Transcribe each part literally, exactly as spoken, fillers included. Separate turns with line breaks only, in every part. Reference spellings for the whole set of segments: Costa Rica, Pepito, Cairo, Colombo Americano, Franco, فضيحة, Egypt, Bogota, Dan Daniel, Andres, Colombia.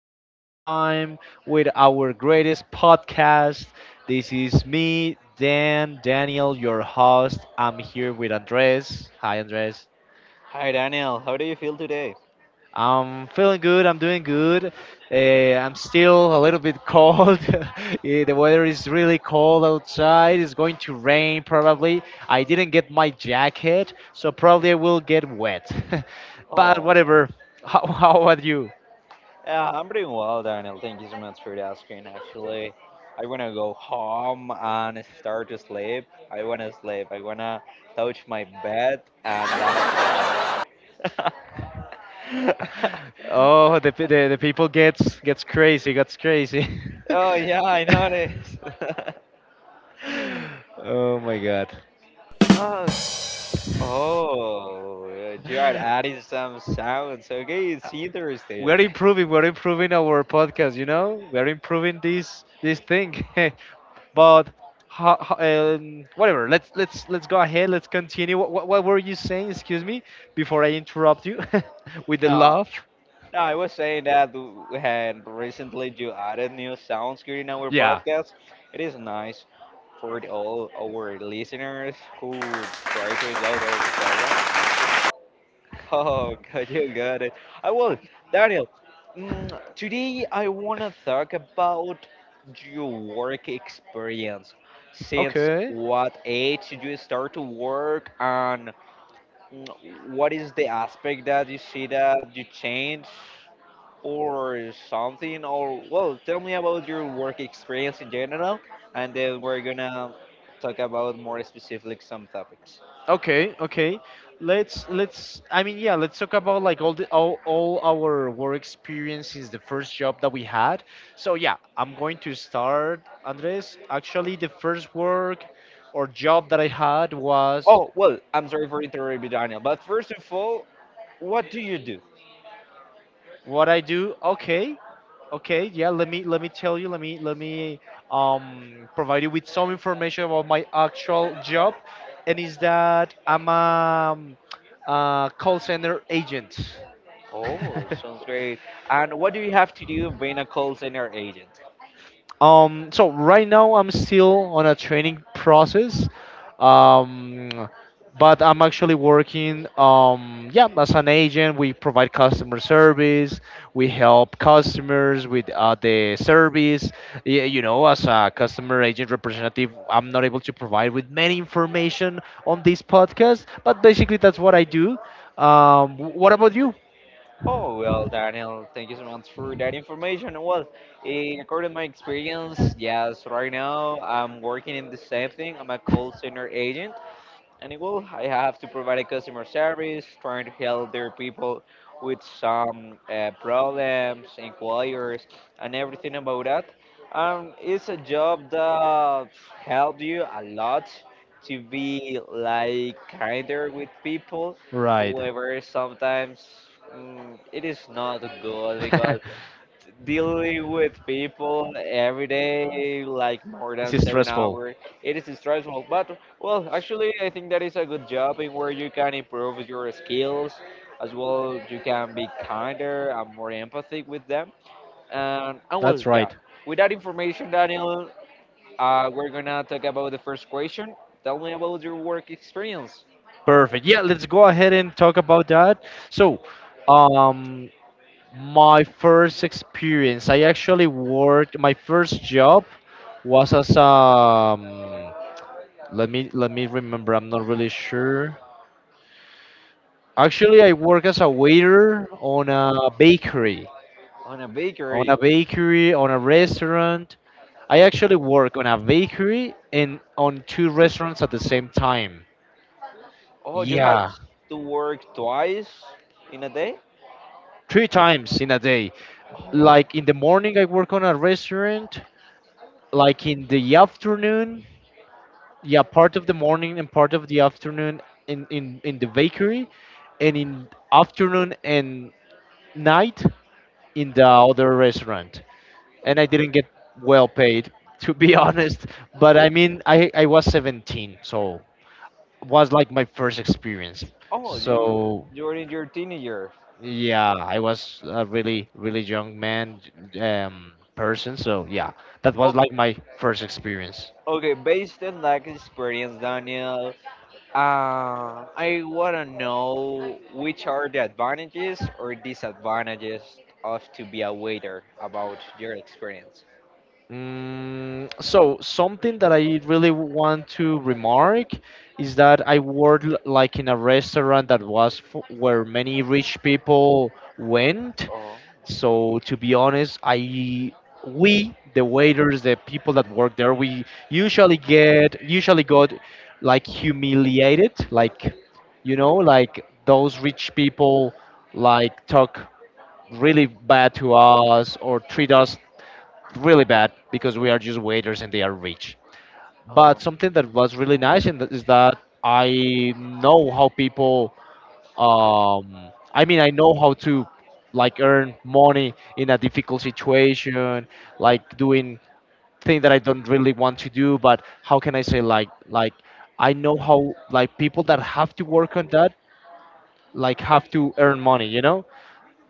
one more time with our greatest podcast. This is me, Dan Daniel, your host. I'm here with Andres. Hi, Andres.
Hi Daniel, how do you feel today?
I'm feeling good. I'm doing good. Uh, I'm still a little bit cold. Eh, the weather is really cold outside. It's going to rain probably. I didn't get my jacket, so probably I will get wet. But
Oh, yeah.
whatever. How, how about you?
Yeah, I'm doing well, Daniel. Thank you so much for asking. Actually, I wanna go home and start to sleep. I wanna sleep. I wanna touch my bed, and that's all.
Oh, the pe- the, the people gets gets crazy, gets crazy.
Oh yeah, I noticed.
Oh my god.
Oh, oh, Jared added some sounds. Okay, it's
We're
interesting.
improving, we're improving our podcast, you know? We're improving this this thing. But ho, ho, um, whatever, let's let's let's go ahead, let's continue. What, what, what were you saying? Excuse me, before I interrupt you with the
No,
love?
no, I was saying that w- we had recently you added new sounds here in our
Yeah.
podcast. It is nice for the, all our listeners who try to enjoy our programs. Oh, God, you got it. I will, Daniel. Mm, today I want to talk about your work experience. Since
Okay.
what age did you start to work, and mm, what is the aspect that you see that you change? Or something? Or, well, tell me about your work experience in general, and then we're gonna talk about more specific some topics.
Okay, okay. Let's let's I mean yeah, let's talk about like all the all, all our work experience since the first job that we had. So yeah, I'm going to start, Andres. Actually the first work or job that I had was
Oh, well, I'm sorry for interrupting, Daniel, but first of all, what do you do?
what I do. Okay. Okay, yeah, let me let me tell you, let me let me um provide you with some information about my actual job, and is that I'm a, um, a call center agent.
Oh, sounds great. And what do you have to do being a call center agent?
Um, so right now I'm still on a training process, um, but I'm actually working. Um, yeah, as an agent, we provide customer service. We help customers with uh, the service. Y- You know, as a customer agent representative, I'm not able to provide with many information on this podcast, but basically that's what I do. Um, wh- what about you?
Oh, well, Daniel, thank you so much for that information. Well, eh, according to my experience, yes, right now I'm working in the same thing. I'm a call center agent. And well, I have to provide a customer service, trying to help their people with some uh, problems, inquiries, and everything about that. Um, it's a job that helps you a lot to be like kinder with people.
Right.
However, sometimes mm, it is not good because dealing with people every day, like more than
It's
seven
stressful.
hours, it is stressful. But well, actually, I think that is a good job in where you can improve your skills as well. You can be kinder and more empathic with them. And, and well,
That's
yeah.
right.
With that information, Daniel, uh, we're gonna talk about the first question. Tell me about your work experience
Perfect. Yeah, let's go ahead and talk about that. So, um, my first experience, I actually worked. My first job was as um, let me let me remember. I'm not really sure. Actually, I work as a waiter on a bakery,
on a
on
bakery.
a bakery, on a restaurant. I actually work on a bakery and on two restaurants at the same time.
Oh, you had
Yeah,
to work twice in a day?
three times in a day.
Oh,
Like in the morning, I work on a restaurant. Like in the afternoon, yeah, part of the morning and part of the afternoon in in in the bakery, and in afternoon and night in the other restaurant. And I didn't get well paid, to be honest. But I mean, I I was seventeen, so was like my first experience.
Oh, you
So
during your teenager.
yeah, I was a really, really young man, um, person. So yeah, that
Oh,
was like my first experience.
okay. Okay, based on that experience, Daniel, uh, I wanna know which are the advantages or disadvantages of to be a waiter about your experience.
Mm, so something that I really want to remark is that I worked l- like in a restaurant that was f where many rich people went.
Oh,
So to be honest, I, we the waiters, the people that work there, we usually get usually got like humiliated, like you know, like those rich people like talk really bad to us or treat us really bad because we are just waiters and they are rich. But
um,
something that was really nice and that- is that I know how people. Um, I mean, I know how to like earn money in a difficult situation, like doing things that I don't really want to do. But how can I say, like like I know how like people that have to work on that like have to earn money, you know?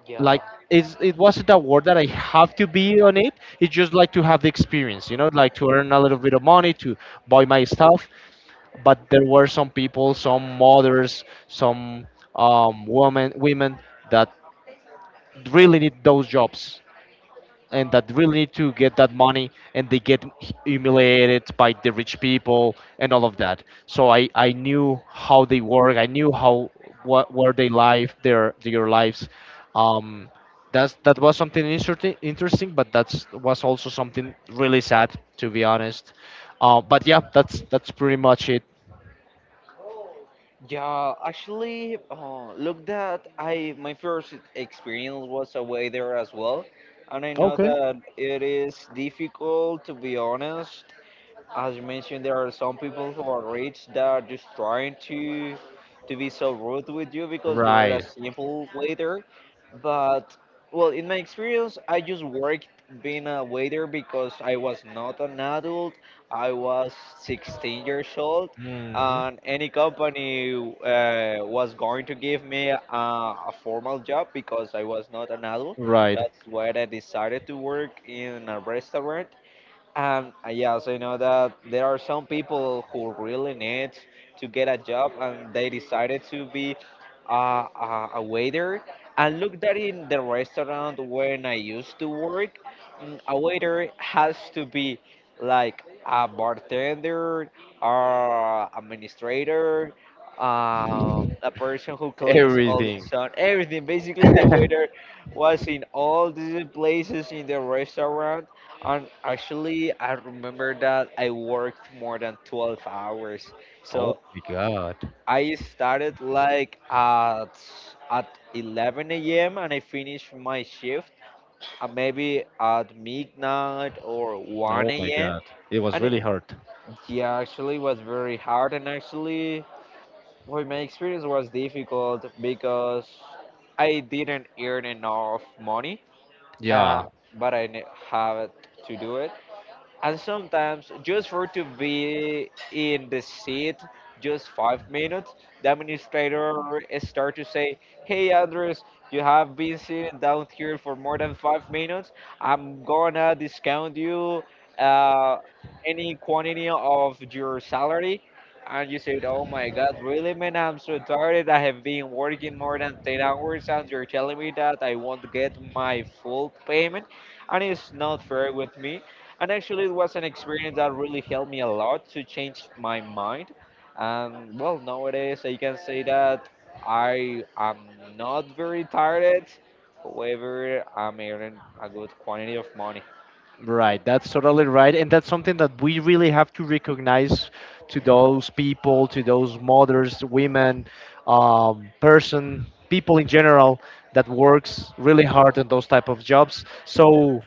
yeah.
Like it's, it wasn't a word that I have to be on it. It's just like to have the experience, you know, like to earn a little bit of money to buy my stuff. But there were some people, some mothers, some um, women, women that really need those jobs and that really need to get that money, and they get humiliated by the rich people and all of that. So i i knew how they work. I knew how, what, where they live, their their lives. um that's, that was something interesting, interesting, but that was also something really sad, to be honest. Uh, but yeah, that's that's pretty much it.
Yeah, actually, uh, look that I my first experience was a waiter as well, and I know
Okay.
that it is difficult to be honest as you mentioned, there are some people who are rich that are just trying to to be so rude with you because you're a
Right.
simple waiter. But well, in my experience, I just worked being a waiter because I was not an adult. I was sixteen years old,
Hmm.
and any company uh, was going to give me a, a formal job because I was not an adult.
Right.
That's why I decided to work in a restaurant and uh, yes, I know that there are some people who really need to get a job and they decided to be uh, a, a waiter. And look that in the restaurant when I used to work, mm, a waiter has to be like a bartender or administrator, uh, a person who cleans all the
Everything.
sun, everything. Basically, the waiter was in all these places in the restaurant. And actually, I remember that I worked more than twelve hours.
Oh
So
my god.
I started like at at eleven a m and I finished my shift uh, maybe at midnight or
Oh my
one a m.
God. It was
And it,
really hard.
yeah, actually was very hard. And actually, well, my experience was difficult because I didn't earn enough money, uh,
Yeah,
but I ne- had to do it. And sometimes just for to be in the seat just five minutes, the administrator start to say, "Hey Andres, you have been sitting down here for more than five minutes. I'm gonna discount you uh, any quantity of your salary." And you said, "Oh my god, really man, I'm so tired. I have been working more than ten hours and you're telling me that I won't get my full payment and it's not fair with me." And actually, it was an experience that really helped me a lot to change my mind. And well, nowadays I can say that I am not very tired. However, I'm earning a good quantity of money.
right. That's totally right. And that's something that we really have to recognize to those people, to those mothers, women, um, person, people in general, that works really hard in those type of jobs. So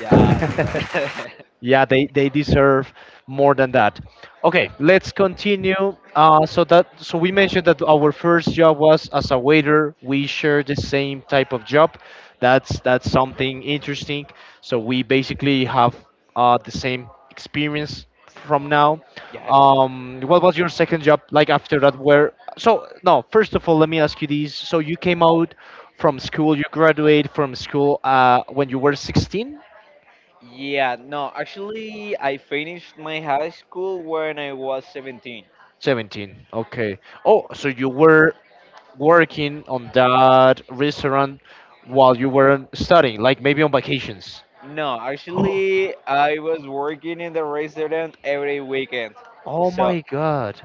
Yeah, you got it.
yeah, they, they deserve more than that. Okay, let's continue. Uh, so that so we mentioned that our first job was as a waiter. We share the same type of job. That's that's something interesting. So we basically have uh, the same experience from now.
Yeah, good.
Um, what was your second job like after that? Where, so no, first of all, let me ask you this. So you came out from school, you graduated from school uh, when you were sixteen.
Yeah, no, actually, I finished my high school when I was seventeen.
seventeen. Okay. Oh, so you were working on that restaurant while you were studying, like maybe on vacations.
No, actually, I was working in the restaurant every weekend.
Oh
So
my God.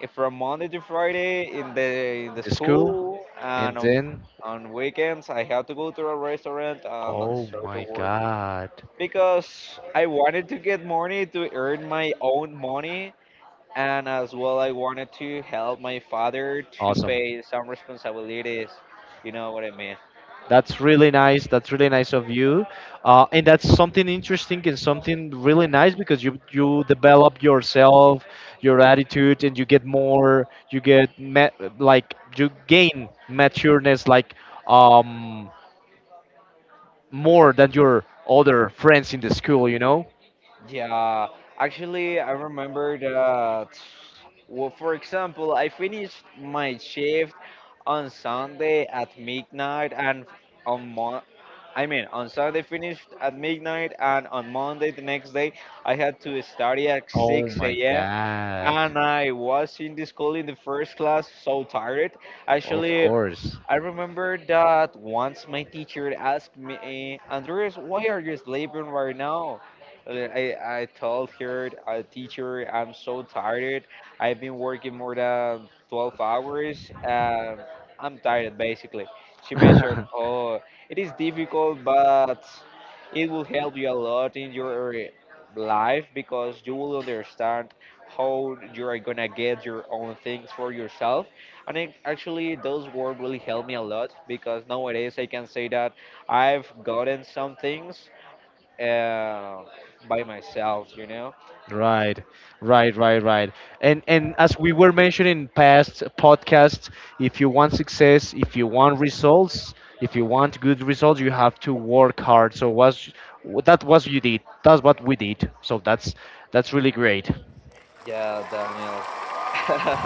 if from Monday to Friday in the in the
The school?
school,
And
and on,
then,
on weekends I had to go to a restaurant and
oh
start to
my
work
God.
because I wanted to get money, to earn my own money, and as well I wanted to help my father to
Awesome.
pay some responsibilities. You know what I mean?
That's really nice. That's really nice of you, uh, and that's something interesting and something really nice because you you develop yourself, your attitude, and you get more. You get ma- like you gain matureness like um more than your other friends in the school, you know.
Yeah, actually, I remember that. Well, for example, I finished my shift on Sunday at midnight, and on Mon I mean, on Sunday finished at midnight, and on Monday the next day, I had to study at
Oh
6
my
a.m.
God!
And I was in the school in the first class, so tired.
Of
Actually,
course.
I remember that once my teacher asked me, eh, "Andres, why are you sleeping right now?" Uh, I, I told her, uh, Teacher, I'm so tired. I've been working more than twelve hours. And I'm tired, basically." She mentioned, "Oh, it is difficult, but it will help you a lot in your life because you will understand how you are gonna get your own things for yourself." And it, actually, those words really help me a lot because nowadays I can say that I've gotten some things uh, by myself, you know?
Right, right, right, right. And and as we were mentioning in past podcasts, if you want success, if you want results, if you want good results, you have to work hard. So was that was you did. That's what we did. So that's that's really great.
Yeah, Daniel.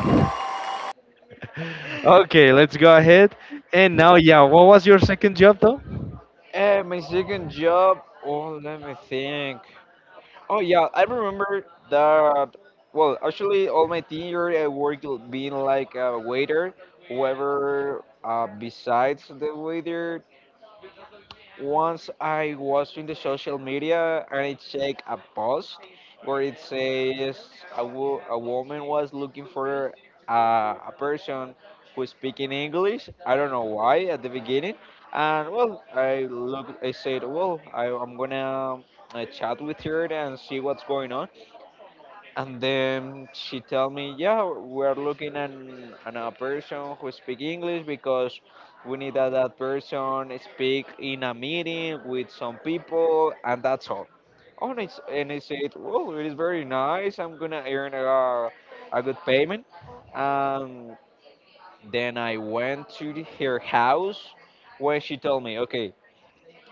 Okay, let's go ahead. And now, yeah, what was your second job though?
Eh, my second job. Oh, let me think. Oh yeah, I remember that. Well, actually, all my teen year I worked l- being like a waiter. Whoever uh, besides the waiter. Once I was in the social media and it checked a post where it says a, wo- a woman was looking for a, a person who's speaking English. I don't know why at the beginning. And well, I look, I said, well, I, I'm gonna uh, chat with her and see what's going on. And then she tell me, "Yeah, we're looking at an, an a person who speak English because we need that, that, person speak in a meeting with some people, and that's all." Oh, and, it's, and I said, well, it is very nice. I'm gonna earn a, a good payment. Um, then I went to the- her house when she told me, "Okay,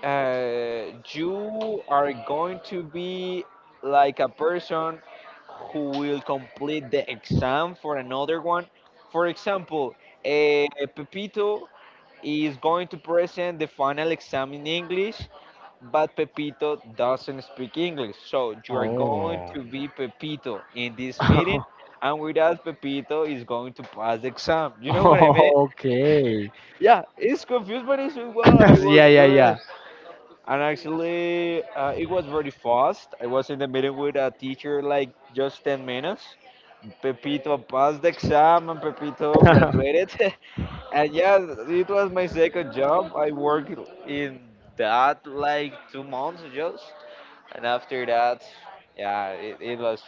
uh, you are going to be like a person who will complete the exam for another one. For example, uh, Pepito is going to present the final exam in English, but Pepito doesn't speak English. So you are going
Oh.
to be Pepito in this meeting, and without Pepito is going to pass the exam." You know what I mean?
Okay.
Yeah, it's confused, but it's well, I will
Yeah,
do
yeah,
it. And actually, uh, it was very fast. I was in the meeting with a teacher like just ten minutes. Pepito passed the exam and Pepito
yeah.
graduated. And yeah, it was my second job. I worked in that like two months just. And after that, yeah, it, it was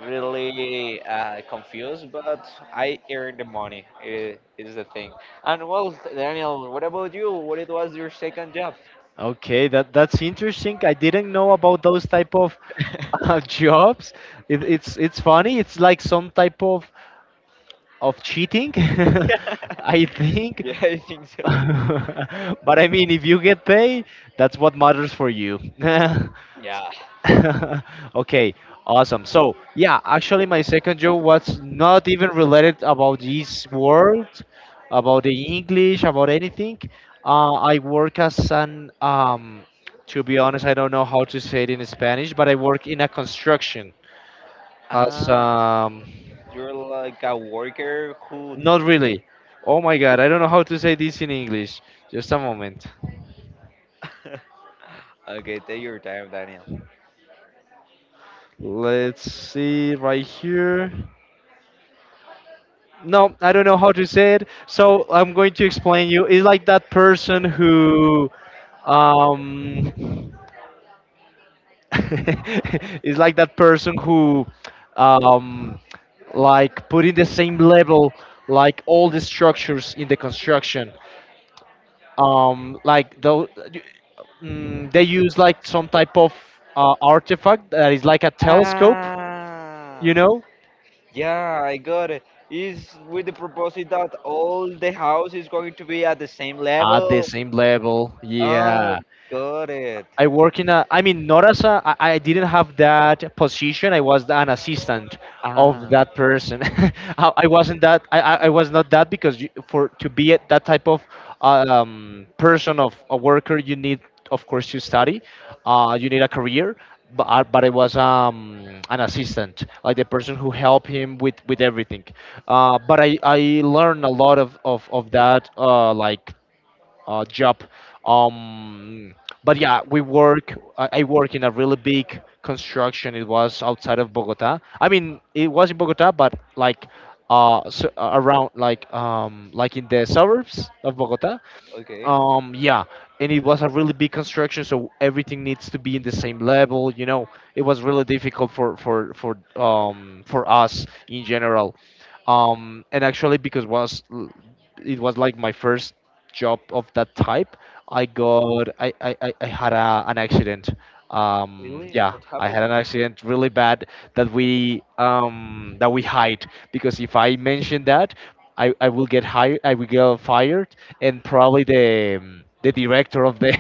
really uh, confused, but I earned the money. It is the thing. And well, Daniel, what about you? What it was your second job?
Okay, that that's interesting. I didn't know about those type of uh, jobs. It, it's it's funny. It's like some type of of cheating, I think.
Yeah, I think so.
But I mean, if you get paid, that's what matters for you.
Yeah.
Okay, awesome. So, yeah, actually, my second job was not even related about this world, about the English, about anything. Uh, I work as an, um, to be honest, I don't know how to say it in Spanish, but I work in a construction as,
Ah,
um,
you're like a worker who.
not really. Oh my God, I don't know how to say this in English. Just a moment.
Okay, take your time, Daniel.
Let's see right here. No, I don't know how to say it. So I'm going to explain you. It's like that person who, um, it's like that person who, um, like put in the same level, like all the structures in the construction. Um, like though, mm, they use like some type of uh, artifact that is like a telescope. You
Ah,
know,
yeah, I got it. Is with the proposal that all the house is going to be at the same
at the
level?
same level.
Ah,
Yeah.
got it.
I work in a, I mean, not as a, I, I didn't have that position. I was an assistant of
Ah,
that person. I, I wasn't that, I, I I was not that because you, for, to be at that type of um, person of a worker, you need, of course, to study. Uh, you need a career. But, I- but I was um, an assistant, like the person who helped him with, with everything. Uh, but I, I learned a lot of, of, of that, uh, like uh, job. Um, but yeah, we work. I I work in a really big construction. It was outside of Bogota. I mean, it was in Bogota, but like uh, so, uh, around like um, like in the suburbs of Bogota.
okay.
Um, yeah, and it was a really big construction, so everything needs to be in the same level. You know, it was really difficult for for for um for us in general. Um, and actually, because was l- it was like my first job of that type, I got I I, I I had a, an accident. Um,
Really?
yeah,
What
I
happened?
had an accident really bad that we um, that we hide because if I mention that, I, I will get hired, I will get fired, and probably the um, the director of the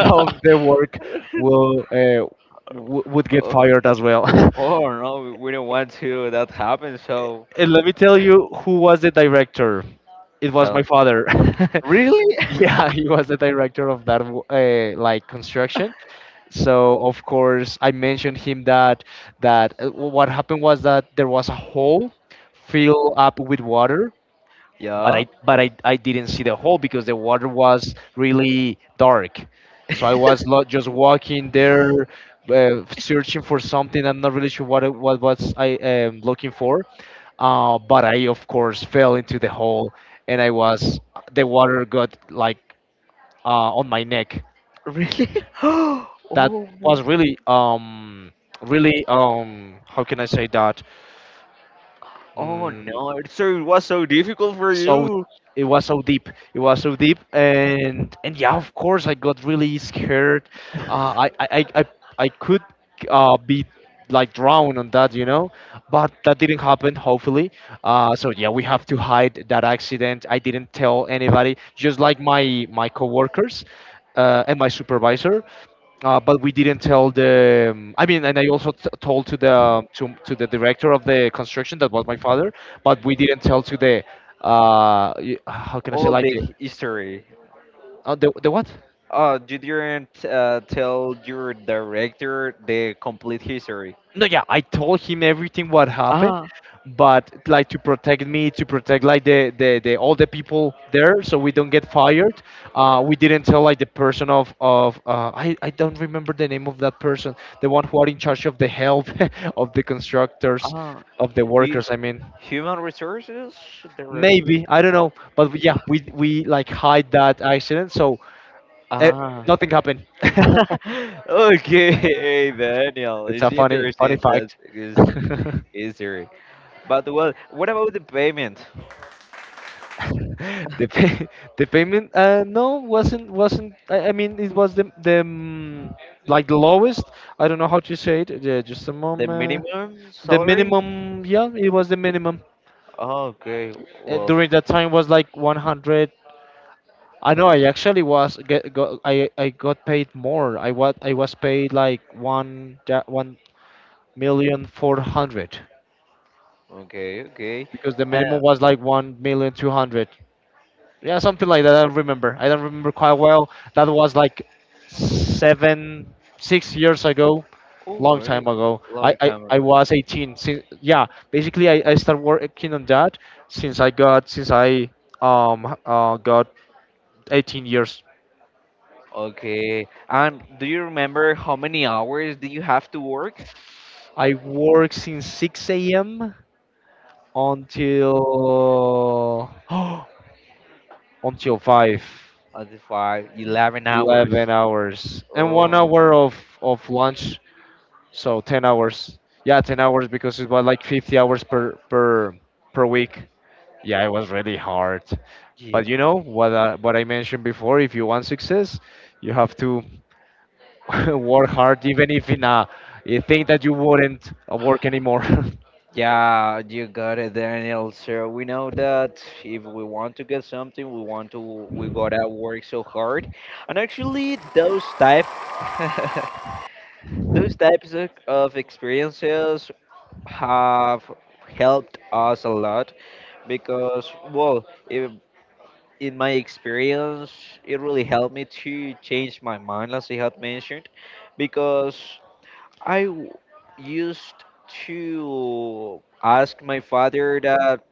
of the work will uh, w- would get
Oh,
fired as well.
oh no, we we don't want to that happen. So,
And let me tell you who was the director. It was my
tell.
father.
Really?
Yeah, he was the director of that uh, like construction. So of course I mentioned him that that uh, what happened was that there was a hole filled up with water, but
Yeah.
I but I, I didn't see the hole because the water was really dark. So I was lo- just walking there, uh, searching for something. I'm not really sure what it- what was I um, looking for, uh, but I of course fell into the hole, and I was the water got like uh, on my neck.
Really?
That
Oh,
was
my-
really um really um, how can I say that?
oh
Mm,
no. So it was so difficult for
so
you.
it was so deep. it was so deep and and yeah, of course I got really scared. uh, I, I i i I could uh, be like drowned on that, you know but that didn't happen, hopefully. Uh, so yeah, we have to hide that accident. I didn't tell anybody, just like my my coworkers uh, and my supervisor, uh, but we didn't tell the. Um, I mean, and I also t- told to the um, to, to the director of the construction, that was my father, but we didn't tell to the. Uh, y- how can I say,
All
like,
the
the
history.
uh, the, the what?
Oh, you didn't uh, tell your director the complete history.
No, yeah, I told him everything what happened,
Ah,
but, like, to protect me, to protect, like, the the, the all the people there, so we don't get fired. Uh, we didn't tell, like, the person of of uh, I I don't remember the name of that person, the one who are in charge of the help of the constructors,
ah.
of the
You,
workers. I mean,
human resources director.
maybe I don't know, but we- yeah, we we like hide that accident, so uh,
Ah.
nothing happened.
Okay, Daniel.
It's a
It's
funny funny
interesting that
fact.
is history. But well, what about the payment?
The pay, the payment, uh no, wasn't wasn't, I, I mean, it was the the mm, like, the lowest. I don't know how to say it. Yeah, just a
The
moment.
minimum
The
salary?
minimum, yeah, it was the minimum.
Oh, okay,
Uh,
well,
during that time was like one hundred. I know. I actually was get got. I I got paid more. I was I was paid like one da- one million four hundred,
okay, okay.
because the
Uh,
minimum was like one million two hundred. Yeah, something like that. I don't remember. I don't remember quite well. That was like seven, six years ago, long
or
time ago. I,
long
I,
time
I
ago.
was eighteen. Since, yeah, basically, I, I started working on that since I got since I um h- uh, got eighteen years.
Okay. And do you remember how many hours do you have to work?
I work since six a m until until five.
Uh, the five, eleven hours.
eleven hours, and one
Oh,
hour of of lunch. So ten hours. Yeah, ten hours, because it was like fifty hours per per per week. Yeah, it was really hard.
yeah.
But you know what uh, what I mentioned before, if you want success, you have to work hard, even if in a, a thing that you wouldn't uh, work anymore.
Yeah, you got it, Daniel. So we know that if we want to get something, we want to, we gotta work so hard. And actually, those type, those types of, of experiences have helped us a lot because well if, in my experience it really helped me to change my mind as I had mentioned because I w- used to ask my father that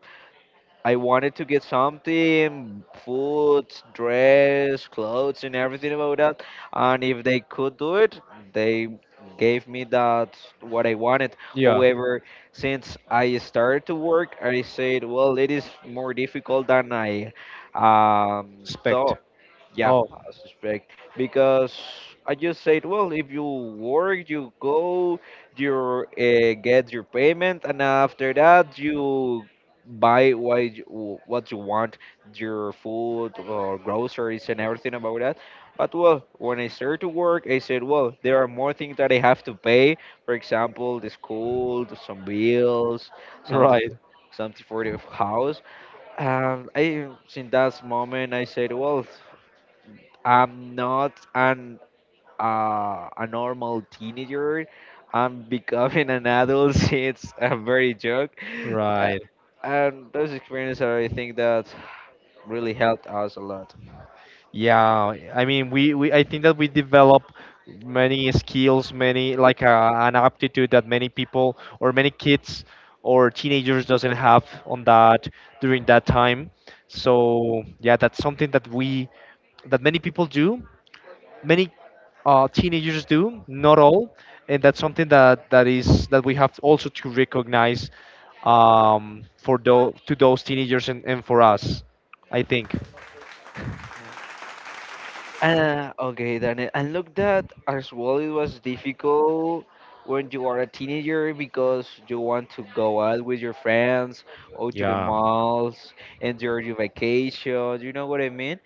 I wanted to get something, food, dress, clothes, and everything about that. And if they could do it, they gave me that what I wanted.
Yeah,
However, since I started to work, I said, well, it is more difficult than I um,
respect.
thought. Yeah,
Oh,
I suspect because I just said, well, if you work, you go, you uh, get your payment, and after that you buy what you, what you want, your food or groceries and everything about that. But well, when I started to work, I said, well, there are more things that I have to pay. For example, the school, the- some bills, something,
right.
something for the house. And I, since that moment, I said, well. I'm not an uh, a normal teenager. I'm becoming an adult. It's a very joke, uh,
Right.
and those experiences are, I think, that really helped us a lot.
Yeah, I mean, we, we I think that we develop many skills, many, like, uh, an aptitude that many people or many kids or teenagers doesn't have on that during that time. So yeah, that's something that we that many people do, many uh, teenagers do, not all, and that's something that that is that we have also to recognize, um, for those, to those teenagers, and, and for us, I think.
Yeah. Uh, okay, Daniel. And look, that as well, it was difficult when you are a teenager because you want to go out with your friends, go to the
Yeah,
malls, enjoy your vacation. You know what I mean?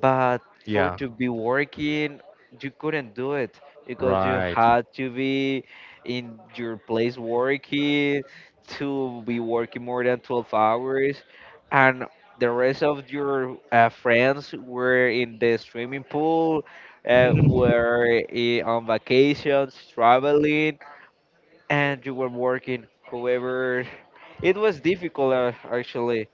But for
yeah.
to be working you couldn't do it because you
Right.
had to be in your place working to be working more than twelve hours and the rest of your uh, friends were in the swimming pool uh, were i- on vacations traveling and you were working. However, it was difficult uh, actually,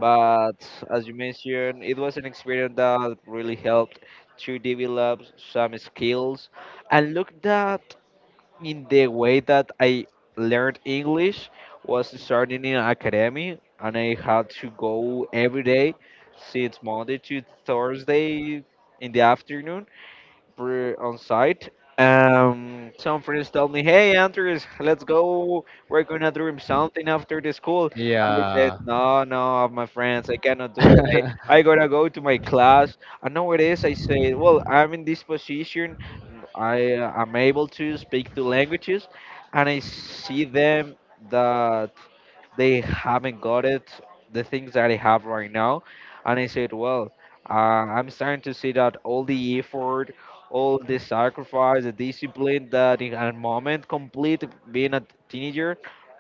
but as you mentioned, it was an experience that really helped to develop some skills. And look that in the way that I learned English was starting in academy, and I had to go every day since Monday to Thursday in the afternoon pre- on site. Um, some friends told me, "Hey, Andres, let's go. We're gonna do something after the school." And I said,
Yeah.
"No, no, my friends, I cannot do it. I, I gotta go to my class." I know it is. I said, "Well, I'm in this position. I uh, am able to speak two languages, and I see them that they haven't got it, the things that I have right now." And I said, "Well." Uh, I'm starting to see that all the effort, all the sacrifice, the discipline that in a moment complete being a teenager.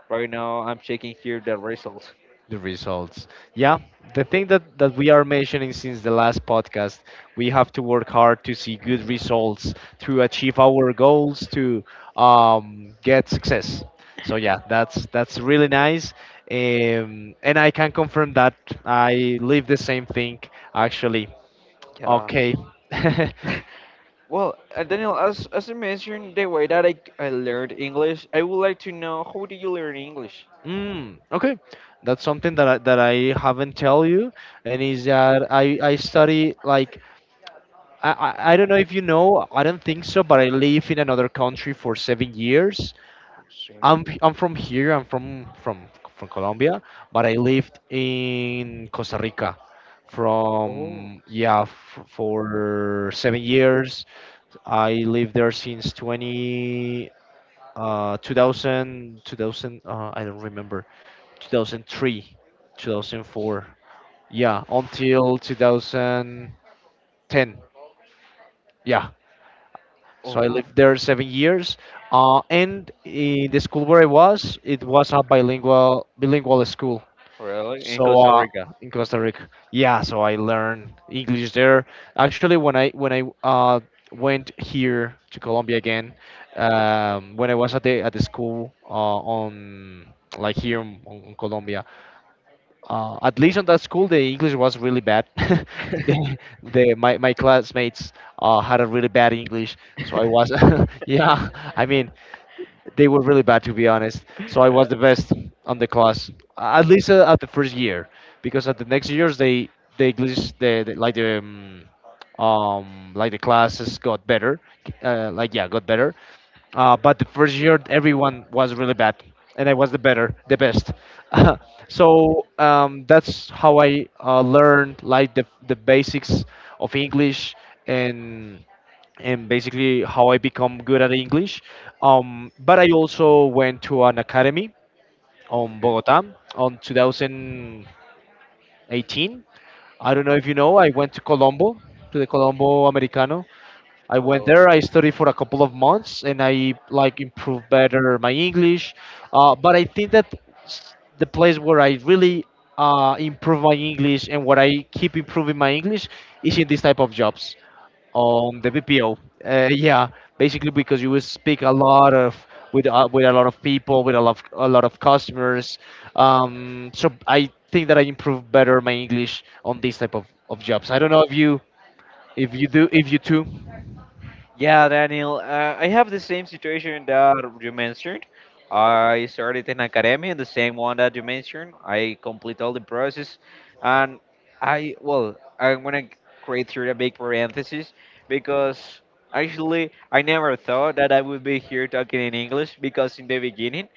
Right now, I'm checking here the results.
The results. Yeah. The thing that, that we are mentioning since the last podcast, we have to work hard to see good results, to achieve our goals, to um, get success. So yeah, that's that's really nice. Um, and I can confirm that I live the same thing actually.
Yeah.
Okay.
Well, uh, Daniel, as as I mentioned, the way that I, I learned English, I would like to know how did you learn English?
Mm, okay, that's something that I, that I haven't tell you, and is that I I study, like, I, I I don't know if you know, I don't think so, but I live in another country for seven years.
Oh,
I'm
strange.
p- I'm from here. I'm from from from Colombia, but I lived in Costa Rica
Oh,
from, yeah, f for seven years. I lived there since twenty uh two thousand two thousand uh, I don't remember, two thousand three, two thousand four, yeah, until two thousand ten, yeah. So I
oh,
lived there seven years. Uh, and in the school where I was, it was a bilingual bilingual school.
really? In
So
Costa
uh,
Rica.
in Costa Rica, yeah. So I learned English there. Actually, when I when I uh, went here to Colombia again, um, when I was at the at the school, uh, on, like, here in, on Colombia, uh, at least on that school, the English was really bad. the, the, my, my classmates uh, had a really bad English. So I
Okay.
was, yeah, I mean, they were really bad, to be honest. So I was the best on the class, at least uh, at the first year, because at the next years they — the English, the, the like, the um, um like, the classes got better, uh, like, yeah, got better, uh, but the first year everyone was really bad and I was the better the best. So um, that's how I uh, learned, like, the, the basics of English. And and basically how I become good at English. Um, but I also went to an academy on Bogota on 2000 18. I don't know if you know, I went to Colombo, to the Colombo Americano. I went
Really?
there, I studied for a couple of months, and I like improved better my English. Uh, but I think that s- the place where I really uh, improve my English and where I keep improving my English is in this type of jobs on the V P O. Uh, yeah, basically because you will speak a lot of, with uh, with a lot of people, with a lot of, a lot of customers. Um, so I think that I improve better my English on these type of, of jobs. I don't know if you if you do, if you too.
Yeah, Daniel, uh, I have the same situation that you mentioned. I started in academia, the same one that you mentioned. I complete all the process, and I well, I'm gonna create here a big parenthesis because actually I never thought that I would be here talking in English because in the beginning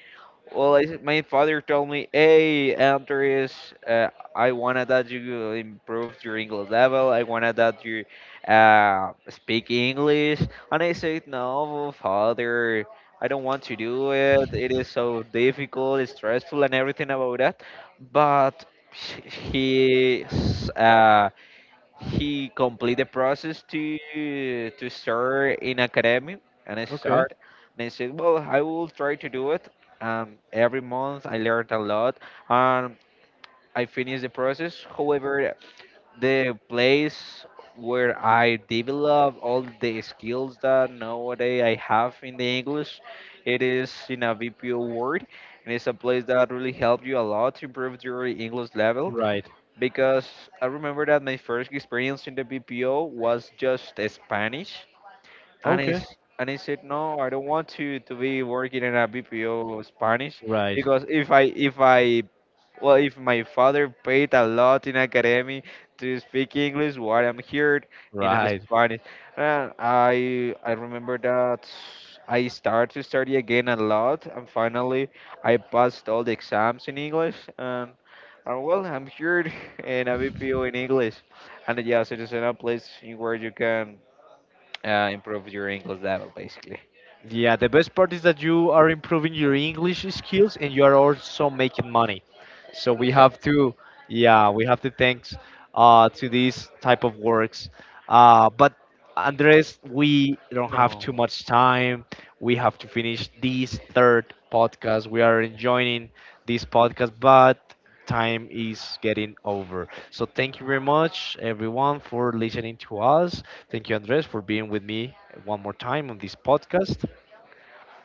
well, I, my father told me, "Hey, Andres, uh, I wanted that you improve your English level. I wanted that you uh, speak English." And I said, "No, father, I don't want to do it. It is so difficult, it's stressful, and everything about that." But he uh, he complete the process to to start in academy and I
Okay.
start and I said, well, I will try to do it. Um, every month I learned a lot and I finished the process. However, the place where I develop all the skills that nowadays I have in the English, it is in a V P O word, and it's a place that really helped you a lot to improve your English level
Right.
because I remember that my first experience in the B P O was just Spanish and I,
Okay.
s- and I said no I don't want to to be working in a bpo spanish
Right.
because if i if i well if my father paid a lot in academy to speak english why I'm here in a
Right.
spanish and i i remember that I started to study again a lot and finally I passed all the exams in english and and well, I'm here in a B P O in English, and yes, it is in a place where you can uh, improve your English level, basically.
Yeah, the best part is that you are improving your English skills and you are also making money. So we have to, yeah, we have to thanks uh, to these type of works. Uh, but Andres, we don't have too
No.
much time. We have to finish this third podcast. We are enjoying this podcast, but time is getting over. So thank you very much, everyone, for listening to us. Thank you, Andres, for being with me one more time on this podcast.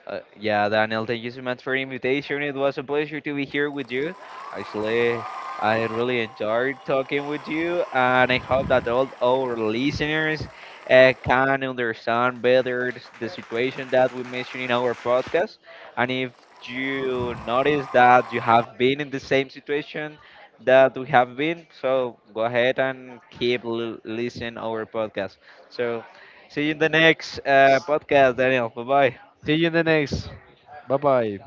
Uh, yeah, Daniel, thank you so much for the invitation. It was a pleasure to be here with you. Actually, I really enjoyed talking with you, and I hope that all our listeners uh, can understand better s- the situation that we mentioned in our podcast. And if you notice that you have been in the same situation that we have been, so go ahead and keep l- listening our podcast. So, see you in the next uh, podcast, Daniel. Bye bye.
See you in the next. Bye bye.